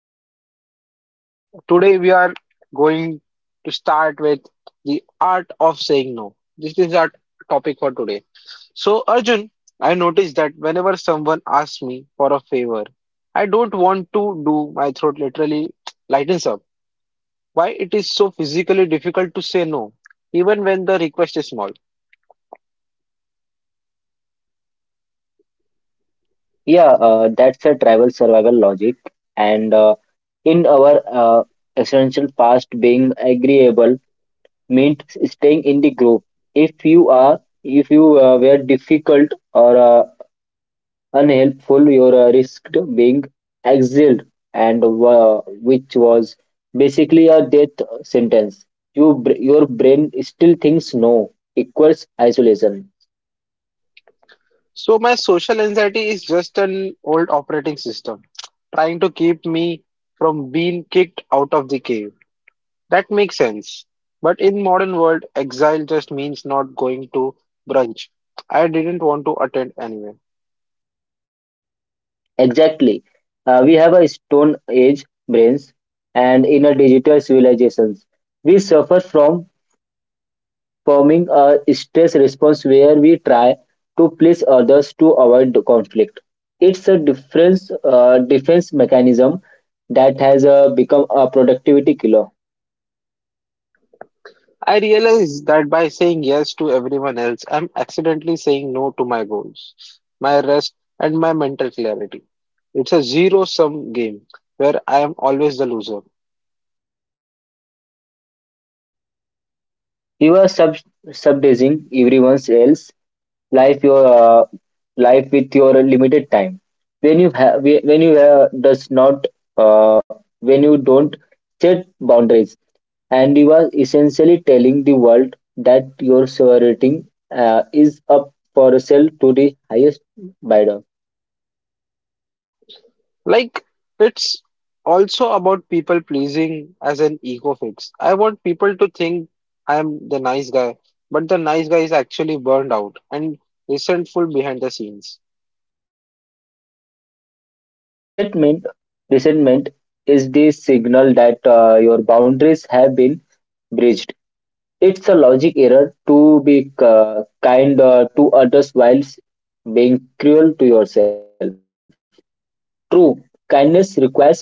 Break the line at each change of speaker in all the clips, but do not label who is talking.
mine. So, Today we are going to start with the art of saying no. This is our topic for today. So, Arjun, I noticed that whenever someone asks me for a favor, I don't want to do my throat literally lightens up why it is so physically difficult to say no, even when the request is small.
Yeah, that's a travel survival logic. And In our essential past, being agreeable meant staying in the group. If you were difficult or unhelpful, you risked being exiled, and which was basically a death sentence. Your brain still thinks no equals isolation.
So my social anxiety is just an old operating system trying to keep me from being kicked out of the cave. That makes sense. But in modern world, exile just means not going to brunch. I didn't want to attend anyway.
Exactly. We have a stone age brains and in a digital civilizations. We suffer from forming a stress response where we try to please others to avoid the conflict. It's a difference defense mechanism that has become a productivity killer.
I realize that by saying yes to everyone else, I'm accidentally saying no to my goals, my rest, and my mental clarity. It's a zero-sum game where I am always the loser.
You are subdizing everyone else life your life with your limited time. When you does not uh, when you don't set boundaries, and you are essentially telling the world that your sovereignty is up for sale to the highest bidder.
Like, it's also about people pleasing as an ego fix. I want people to think I am the nice guy, but the nice guy is actually burned out and resentful behind the scenes.
Resentment, resentment is the signal that your boundaries have been breached. It's a logic error to be kind to others whilst being cruel to yourself. True, kindness requires honesty.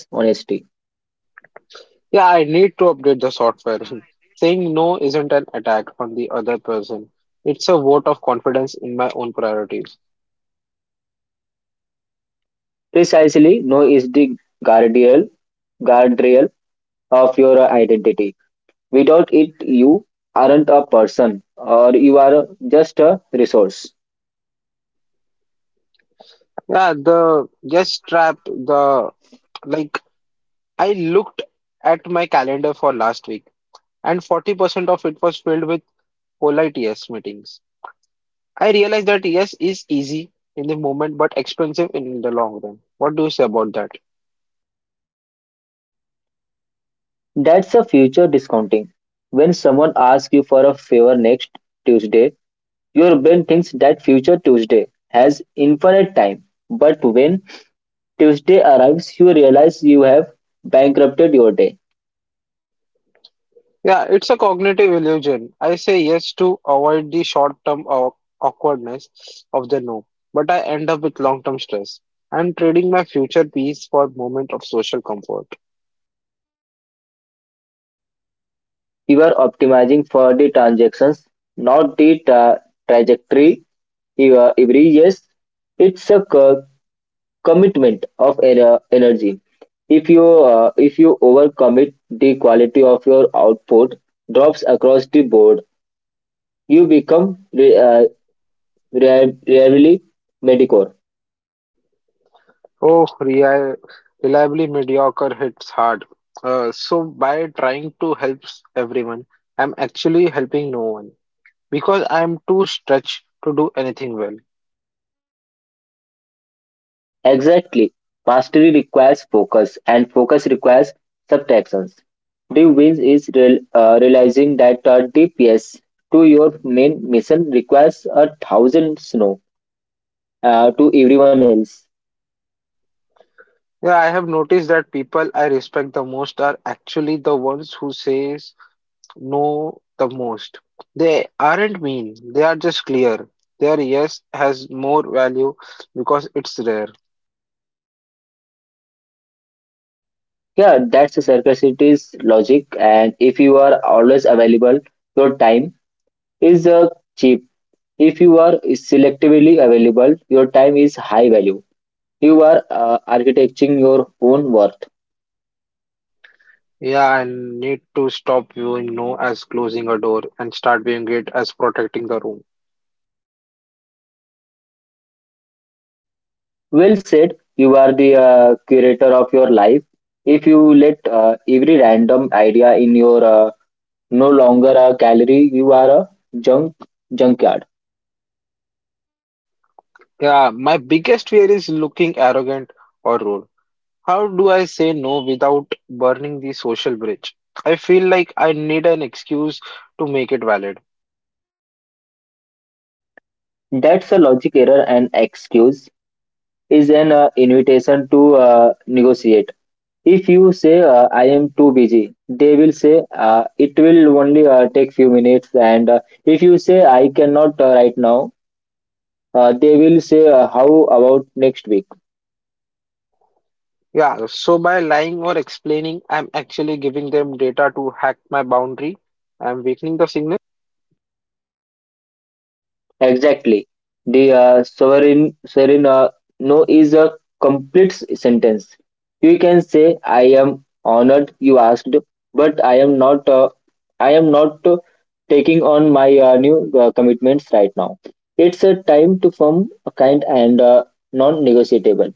Yeah, I need to update the software. Saying no isn't an attack on the other person. It's a vote of confidence in my own priorities.
Precisely, no is the guardian guardrail of your identity. Without it, you aren't a person or you are just a resource.
Yeah, the yes trap, the like I looked at my calendar for last week and 40% of it was filled with polite yes meetings. I realized that yes is easy in the moment but expensive in the long run. What do you say about that?
That's a future discounting. When someone asks you for a favor next Tuesday, your brain thinks that future Tuesday has infinite time, but when Tuesday arrives, you realize you have bankrupted your day.
Yeah, it's a cognitive illusion. I say yes to avoid the short-term awkwardness of the no, but I end up with long-term stress. I'm trading my future peace for a moment of social comfort.
You are optimizing for the transactions, not the trajectory every yes it's a commitment of energy. If you overcommit, the quality of your output drops across the board. You become re- uh, really mediocre.
Oh, reliably mediocre hits hard. So by trying to help everyone, I'm actually helping no one because I'm too stretched to do anything well.
Exactly. Mastery requires focus, and focus requires subtractions. The wins is realizing that a DPS to your main mission requires a thousand snow to everyone else.
Yeah, I have noticed that people I respect the most are actually the ones who say know the most. They aren't mean, they are just clear. Their yes has more value because it's rare.
Yeah, that's the circuitous logic, and if you are always available, your time is cheap. If you are selectively available, your time is high value. You are architecting your own worth.
Yeah, I need to stop viewing no as closing a door and start viewing it as protecting the room.
Well said. You are the curator of your life. If you let every random idea in your no longer a gallery, you are a junk junkyard.
Yeah, my biggest fear is looking arrogant or rude. How do I say no without burning the social bridge? I feel like I need an excuse to make it valid.
That's a logic error, and excuse is an invitation to negotiate. If you say I am too busy, they will say it will only take few minutes. And If you say I cannot right now, they will say how about next week.
Yeah, so by lying or explaining, I'm actually giving them data to hack my boundary. I'm weakening the signal.
Exactly. The sovereign no is a complete sentence. You can say, I am honored you asked, but I am not taking on my new commitments right now. It's a time to form a kind and non-negotiable.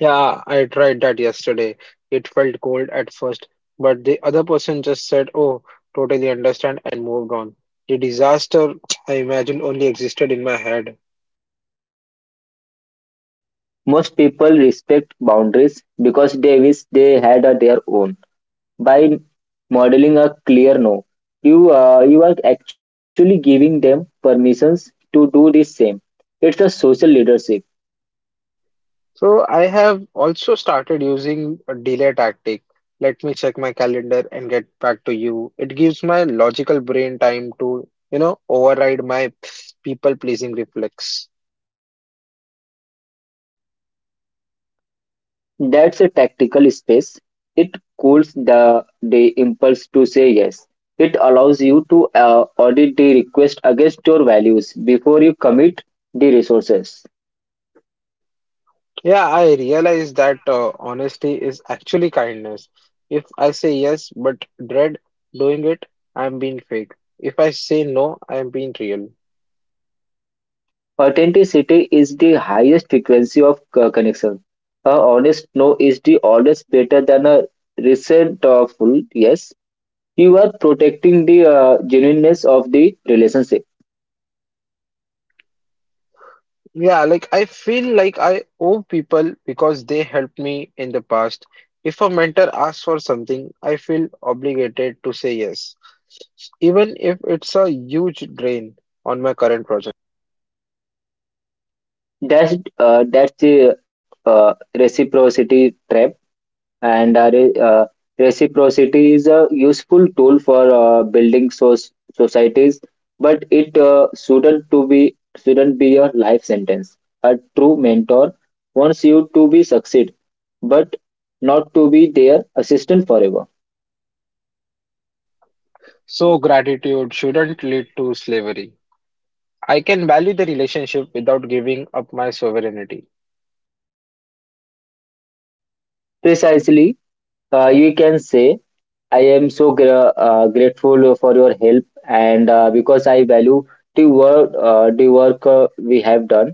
Yeah, I tried that yesterday. It felt cold at first, but the other person just said, "Oh, totally understand," and moved on. The disaster I imagined only existed in my head.
Most people respect boundaries because they wish they had their own. By modeling a clear no, you are actually giving them permissions to do the same. It's a social leadership.
So I have also started using a delay tactic. Let me check my calendar and get back to you. It gives my logical brain time to, you know, override my people pleasing reflex.
That's a tactical space. It cools the impulse to say yes. It allows you to audit the request against your values before you commit the resources.
Yeah, I realize that honesty is actually kindness. If I say yes but dread doing it, I'm being fake. If I say no, I'm being real.
Authenticity is the highest frequency of connection. A honest no is the always better than a resentful yes. You are protecting the genuineness of the relationship.
Yeah, like I feel like I owe people because they helped me in the past. If a mentor asks for something, I feel obligated to say yes, even if it's a huge drain on my current project.
That's that's the uh, Reciprocity trap, and uh, re- uh, reciprocity is a useful tool for building societies, but it shouldn't be your life sentence. A true mentor wants you to be succeed, but not to be their assistant forever.
So gratitude shouldn't lead to slavery. I can value the relationship without giving up my sovereignty.
Precisely. You can say I am so grateful for your help, and because I value the work we have done.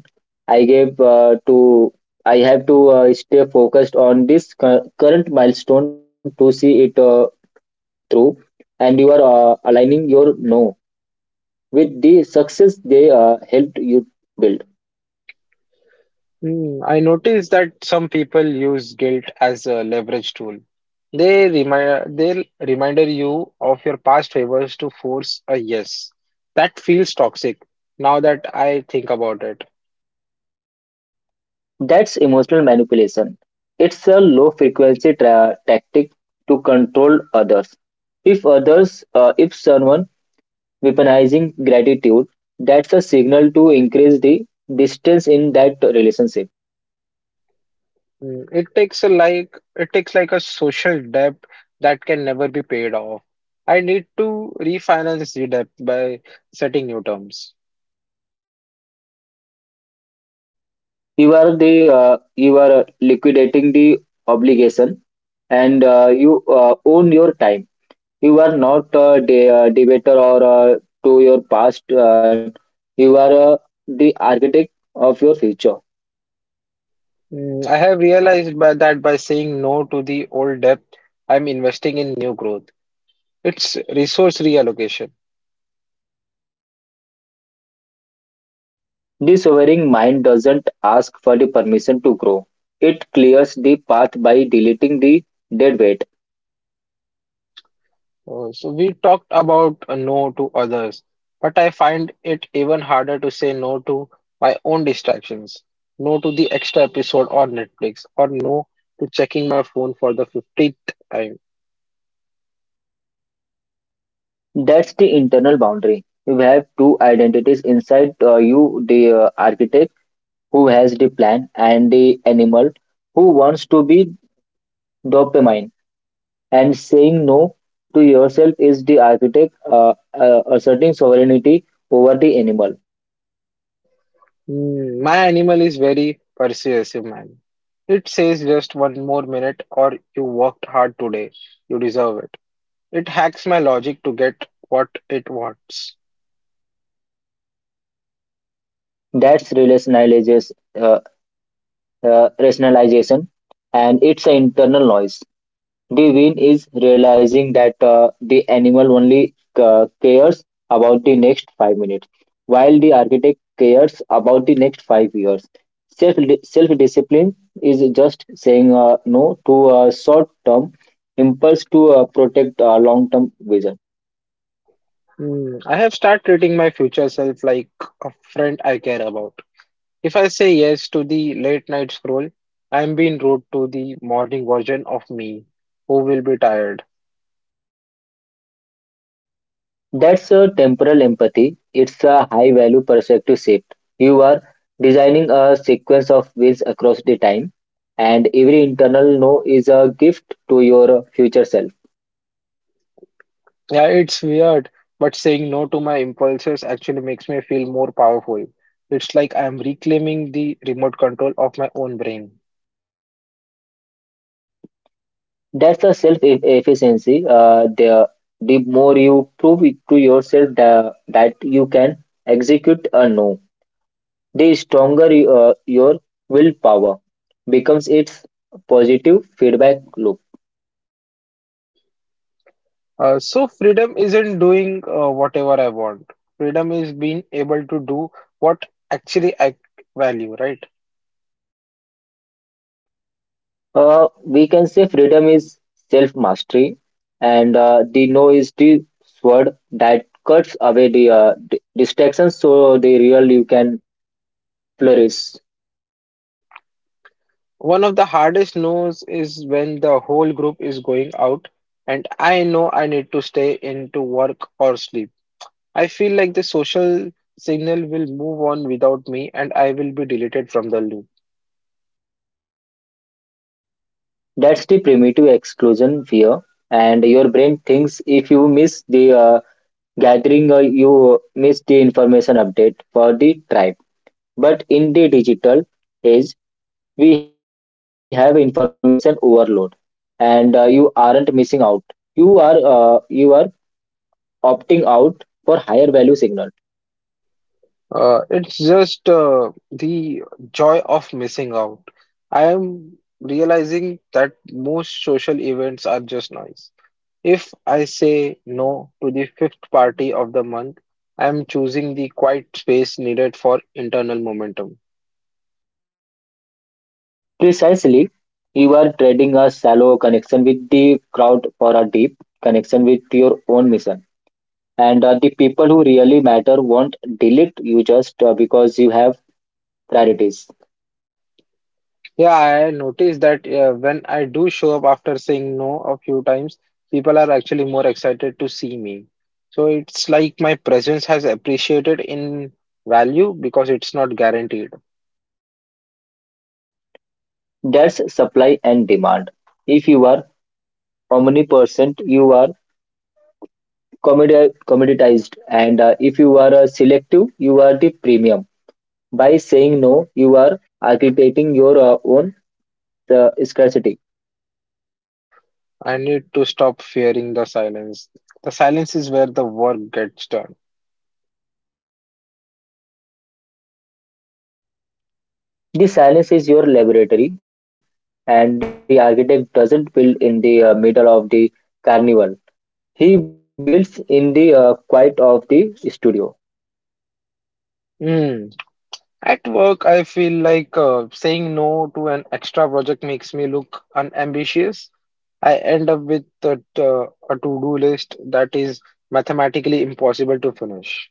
I gave uh, to I have to stay focused on this current milestone to see it through. And you are aligning your no with the success they helped you build.
Hmm, I noticed that some people use guilt as a leverage tool. They'll reminder you of your past favors to force a yes. That feels toxic now that I think about it.
That's emotional manipulation. It's a low frequency tactic to control others. If someone weaponizing gratitude, that's a signal to increase the distance in that relationship.
Hmm, it takes like a social debt that can never be paid off. I need to refinance the debt by setting new terms.
You are the you are liquidating the obligation, and you own your time. You are not a debater or to your past. You are the architect of your future.
Hmm, I have realized by that by saying no to the old debt, I'm investing in new growth. It's resource reallocation.
The sovereign mind doesn't ask for the permission to grow. It clears the path by deleting the dead weight.
So we talked about a no to others, but I find it even harder to say no to my own distractions, no to the extra episode on Netflix, or no to checking my phone for the 50th time.
That's the internal boundary. You have two identities inside you, the architect who has the plan, and the animal who wants to be dopamine. And saying no to yourself is the architect asserting sovereignty over the animal.
Hmm, my animal is very persuasive, man. It says just one more minute or you worked hard today. You deserve it. It hacks my logic to get what it wants.
That's rationalization, uh, Rationalization, and it's an internal noise. The win is realizing that the animal only cares about the next 5 minutes, while the architect cares about the next 5 years. Self Self discipline is just saying no to a short term impulse to protect a long term vision.
Hmm, I have started treating my future self like a friend I care about. If I say yes to the late night scroll, I am being rude to the morning version of me, who will be tired.
That's a temporal empathy. It's a high value perspective shift. You are designing a sequence of wins across the time, and every internal no is a gift to your future self.
Yeah, it's weird, but saying no to my impulses actually makes me feel more powerful. It's like I am reclaiming the remote control of my own brain.
That's the self eff- Efficiency, the more you prove it to yourself that you can execute a no, the stronger your willpower becomes. Its positive feedback loop.
So freedom isn't doing whatever I want. Freedom is being able to do what actually I value, right?
Uh, we can say freedom is self mastery, and the no is the sword that cuts away the distractions so the real you can flourish.
One of the hardest no's is when the whole group is going out and I know I need to stay in to work or sleep. I feel like the social signal will move on without me and I will be deleted from the loop.
That's the primitive exclusion fear, and your brain thinks if you miss the gathering, you miss the information update for the tribe. But in the digital age, we have information overload, and you aren't missing out. You are opting out for higher value signal.
It's just the joy of missing out. I am realizing that most social events are just noise. If I say no to the fifth party of the month, I am choosing the quiet space needed for internal momentum.
Precisely, you are trading a shallow connection with the crowd for a deep connection with your own mission. And The people who really matter won't delete you just because you have priorities.
Yeah, I noticed that when I do show up after saying no a few times, people are actually more excited to see me. So it's like my presence has appreciated in value because it's not guaranteed.
That's supply and demand. If you are omnipresent, you are commoditized, and if you are selective, you are the premium. By saying no, you are architecting your own scarcity.
I need to stop fearing the silence. The silence is where the work gets done.
The silence is your laboratory, and the architect doesn't build in the middle of the carnival. He builds in the quiet of the studio.
Mm. At work, I feel like saying no to an extra project makes me look unambitious. I end up with a to-do list that is mathematically impossible to finish.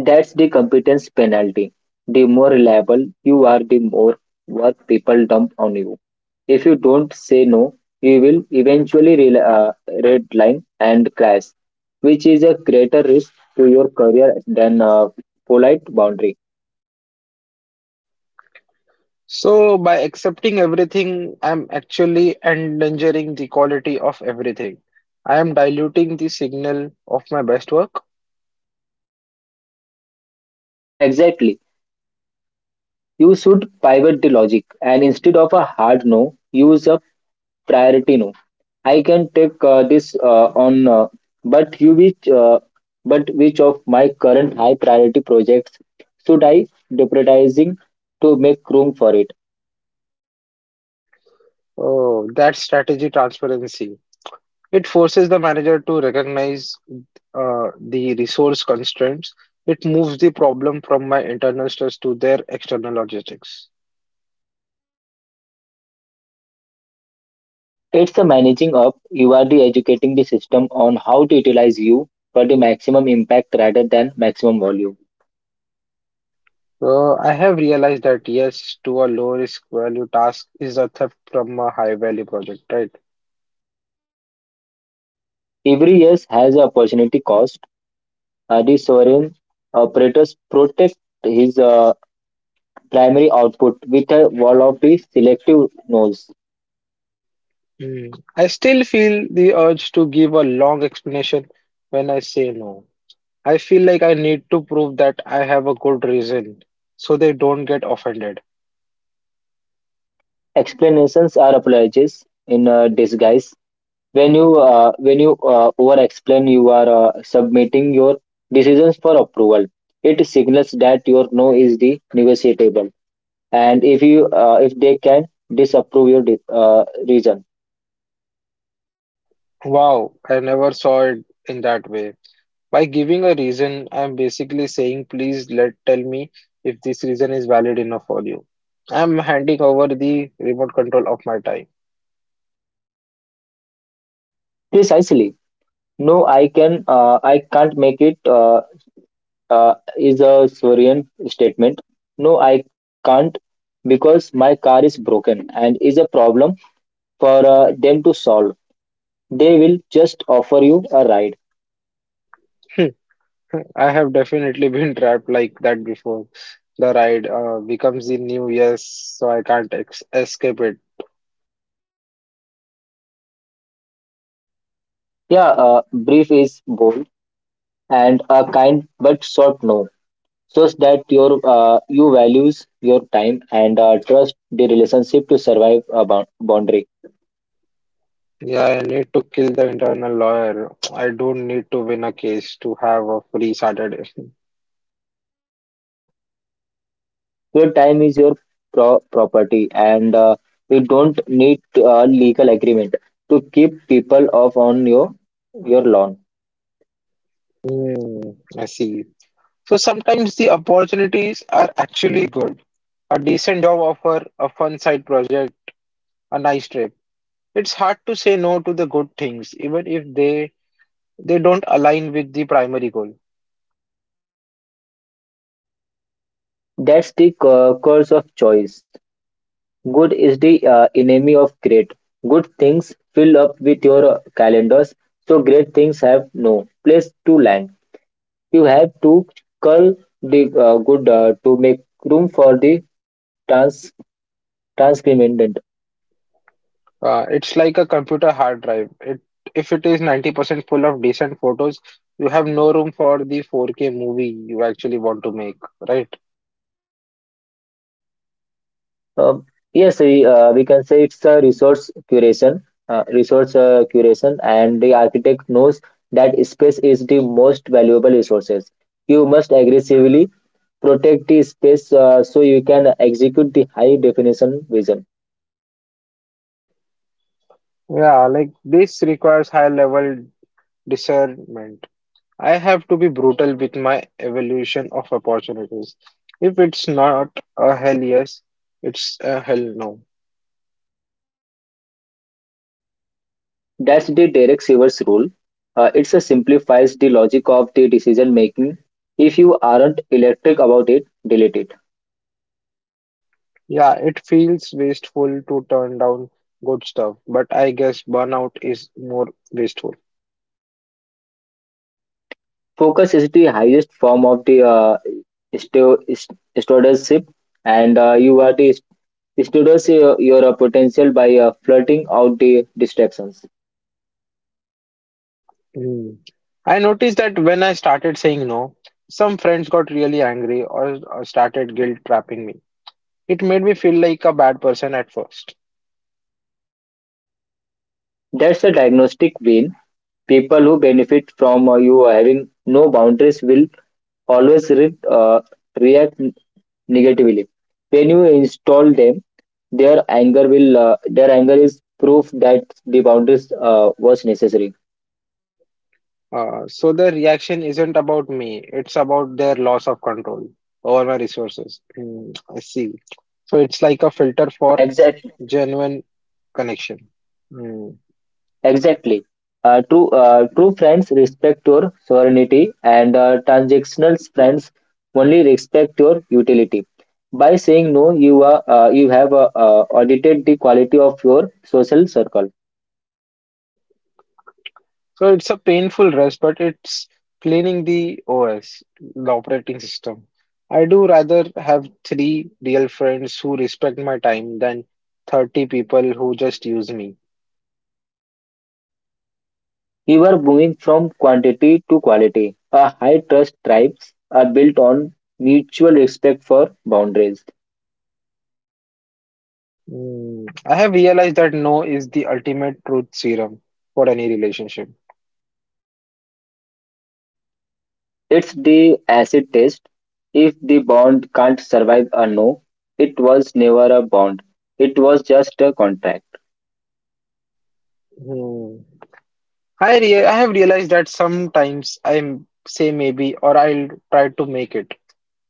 That's the competence penalty. The more reliable you are, the more work people dump on you. If you don't say no, you will eventually redline and crash, which is a greater risk to your career than a polite boundary.
So, by accepting everything, I'm actually endangering the quality of everything. I am diluting the signal of my best work.
Exactly. You should pivot the logic, and instead of a hard no, use a priority no. I can take this on but you which but which of my current high priority projects should I prioritizing to make room for it?
Oh, that's strategy transparency. It forces the manager to recognize the resource constraints. It moves the problem from my internal stress to their external logistics.
It's the managing up. You are the educating the system on how to utilize you for the maximum impact rather than maximum volume.
So I have realized that yes, to a low risk value task is a theft from a high value project, right?
Every year has a opportunity cost. Uh, the sovereign operators protect his primary output with a wall of the selective noise.
Mm. I still feel the urge to give a long explanation when I say no. I feel like I need to prove that I have a good reason so they don't get offended.
Explanations are apologies in disguise. When you over-explain, you are submitting your decisions for approval. It signals that your no is the negotiable, and if you if they can disapprove your reason.
Wow, I never saw it in that way. By giving a reason, I'm basically saying, please let tell me if this reason is valid enough for you. I'm handing over the remote control of my time.
Precisely. I can't make it is a Sorian statement. No, I can't because my car is broken, and is a problem for them to solve. They will just offer you a ride.
I have definitely been trapped like that before. The ride becomes the new yes, so I can't ex escape it.
Yeah, brief is bold, and a kind but short no, so that your you values your time, and trust the relationship to survive a boundary.
Yeah, I need to kill the internal lawyer. I don't need to win a case to have a free Saturday.
Your time is your property, and you don't need a legal agreement to keep people off on your lawn.
Hmm, I see. So sometimes the opportunities are actually good. A decent job offer, a fun side project, a nice trip. It's hard to say no to the good things, even if they don't align with the primary goal.
That's the curse of choice. Good is the enemy of great. Good things fill up with your calendars, so great things have no place to land. You have to cull the good to make room for the trans transcriminant.
It's like a computer hard drive. It If it is 90% full of decent photos, you have no room for the 4K movie you actually want to make, right?
Um, yes, we can say it's a resource curation, and the architect knows that space is the most valuable resources. You must aggressively protect the space so you can execute the high definition vision.
Yeah, like this requires high level discernment. I have to be brutal with my evaluation of opportunities. If it's not a hell yes, it's a hell no.
That's the Derek Sivers rule. It simplifies the logic of the decision making. If you aren't electric about it, delete it.
Yeah, it feels wasteful to turn down good stuff, but I guess burnout is more wasteful.
Focus is the highest form of the stewardship, and you are the stewards your potential by flirting out the distractions.
Hmm. I noticed that when I started saying no, some friends got really angry or started guilt trapping me. It made me feel like a bad person at first.
That's a diagnostic win. People who benefit from you having no boundaries will always react negatively. When you install them, their anger will their anger is proof that the boundaries was necessary.
So the reaction isn't about me, it's about their loss of control over my resources. Hmm, I see. So it's like a filter for
Exactly.
genuine connection. Hmm.
Exactly. True friends respect your sovereignty, and transactional friends only respect your utility. By saying no, you are you have audited the quality of your social circle.
So it's a painful rest, but it's cleaning the OS, the operating system. I do rather have three real friends who respect my time than 30 people who just use me.
You are moving from quantity to quality. A high trust tribes are built on mutual respect for boundaries.
Hmm, I have realized that no is the ultimate truth serum for any relationship.
It's the acid test. If the bond can't survive a no, it was never a bond. It was just a contract.
Hmm. I have realized that sometimes I say maybe or I'll try to make it,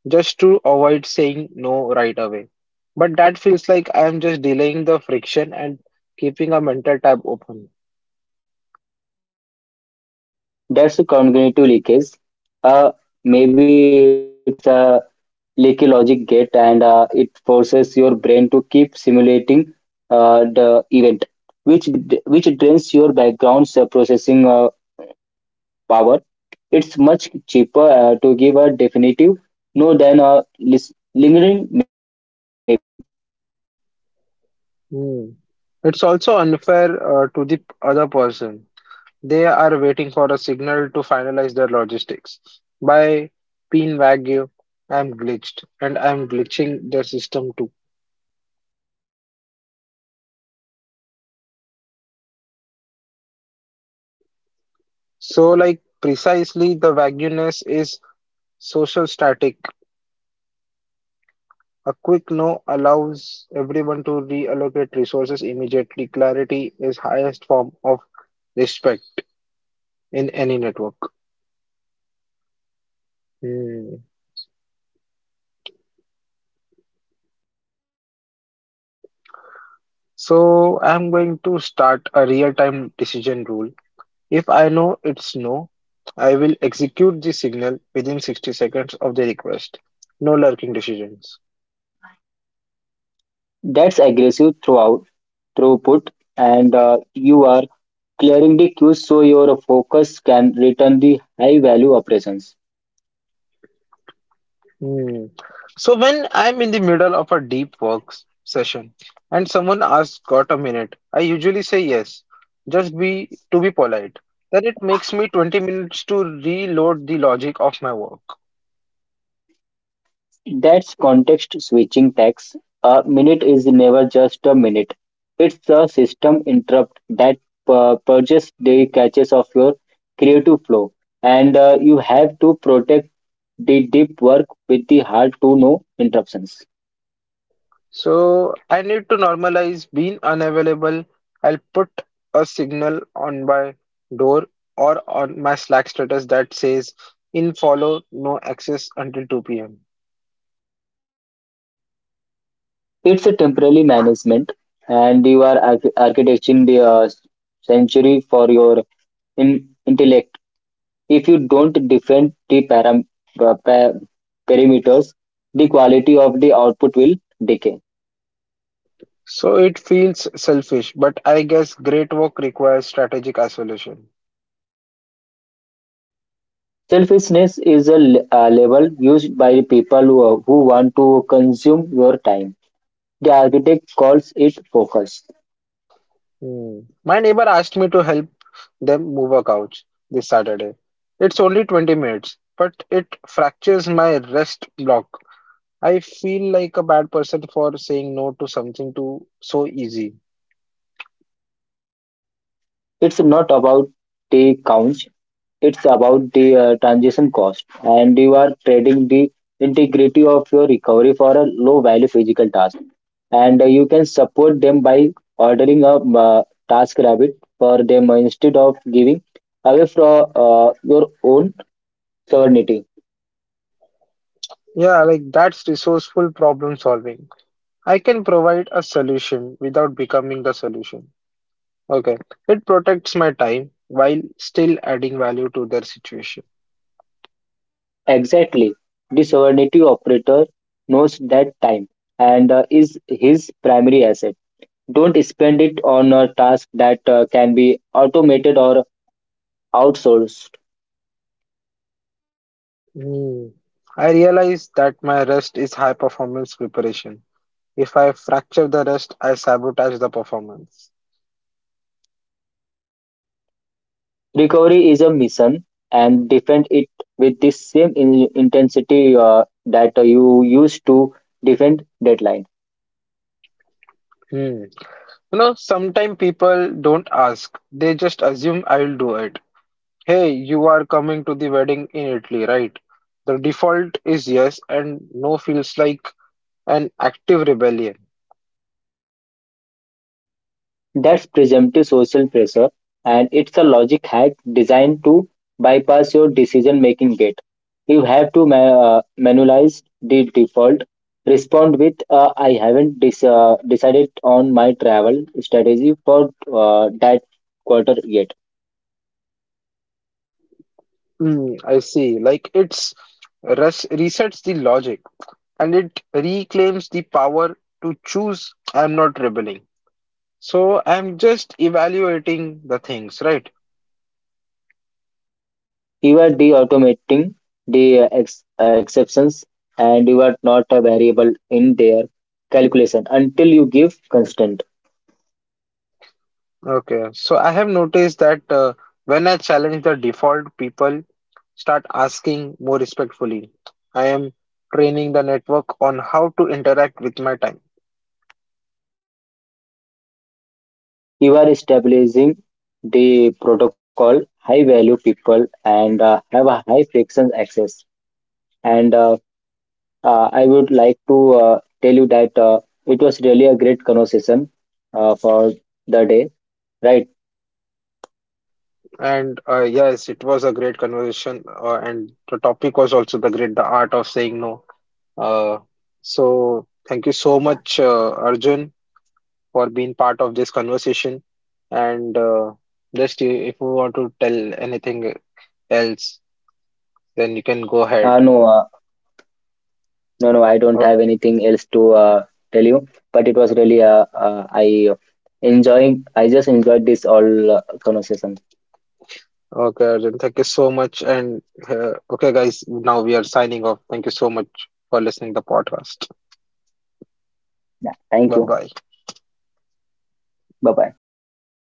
just to avoid saying no right away. But that feels like I am just delaying the friction and keeping a mental tab open.
That's a cognitive leakage. Uh, Maybe it's a leaky logic gate and it forces your brain to keep simulating the event, which which drains your background's processing power. It's much cheaper to give a definitive no than a lingering maybe.
Hmm. It's also unfair to the other
And it
person.
is also
They
unfair
are waiting
to
for a
the
signal to finalize their logistics.
uh, other
By
person.
pin
They are
wagyu, I'm
waiting
glitched
for a
and I'm
signals to
glitching their
finalizing
system
their
too.
logistics by their value. Which
Precisely the vagueness is social static. A quick no allows everyone to reallocate resources immediately. Clarity is highest form of respect in any network. Hmm. So I'm going to start a real-time decision rule. If I know it's no, I will execute the signal within 60 seconds of the request. No lurking decisions.
that's aggressive throughout throughput, and you are clearing the queue so your focus can return the high value operations.
Hmm. So when I'm in the middle of a deep work session and someone asks, "Got a minute?" I usually say yes, just be to be polite. Then it makes me 20 minutes to reload the logic of my work.
That's context switching tax. A minute is never just a minute. It's a system interrupt that purges the catches of your creative flow. And you have to protect the deep work with the hard to no interruptions.
So I need to normalize being unavailable. I'll put a signal on my door or on my Slack status that says "In follow, no access until 2 p.m."
It's a temporary management, and you are architecting the century for your in- If you don't defend the pa- pa- parameters, the quality of the output will decay.
So it feels selfish, but I guess great work requires strategic isolation.
Selfishness is a, a label used by the people who want to consume your time. The architect calls it focus.
Hmm. My neighbor asked me to help them move a couch this Saturday. It's only 20 minutes, but it fractures my rest block. I feel like a bad person for saying no to something too so easy.
It's not about the counts, it's about the transition cost, and you are trading the integrity of your recovery for a low value physical task. And you can support them by ordering a task rabbit for them instead of giving away from your own sovereignty.
Yeah, like that's resourceful problem solving. I can provide a solution without becoming the solution. Okay, it protects my time while still adding value to their situation.
Exactly. The sovereignty operator knows that time and is his primary asset. Don't spend it on a task that can be automated or outsourced.
Hmm. I realize that my rest is high performance preparation. If I fracture the rest, I sabotage the performance.
Recovery is a mission and defend it with the same intensity that you used to defend deadlines.
Hmm. You know, sometimes people don't ask, they just assume I'll do it. Hey, you are coming to the wedding in Italy, right? The default is yes, and no feels like an active rebellion.
That's presumptive social pressure, and it's a logic hack designed to bypass your decision making gate. You have to manualize the default, respond with, I haven't decided on my travel strategy for that quarter yet.
Hmm. I see. Like it's resets the logic and it reclaims the power to choose I'm not rebelling. So I'm just evaluating the things, right?
You are de automating the exceptions, and you are not a variable in their calculation until you give constant.
Okay. So I have noticed that when I challenge the default, people start asking more respectfully. I am training the network on how to interact with my time.
You are establishing the protocol, high value people, and have a high friction access. And I would like to tell you that it was really a great conversation for the day, right?
And yes, it was a great conversation, and the topic was also the great, the art of saying no. Uh, so thank you so much, Arjun, for being part of this conversation. And just you, if you want to tell anything else, then you can go ahead.
Uh, no, uh, no, I don't have
Okay,
anything else to tell you, but it was really, I just enjoyed this all conversation.
okay, Arjun. Thank you so much. And okay, guys, now we are signing off. Thank you so much for listening to the podcast.
Yeah, thank you.
Bye bye.
Bye bye.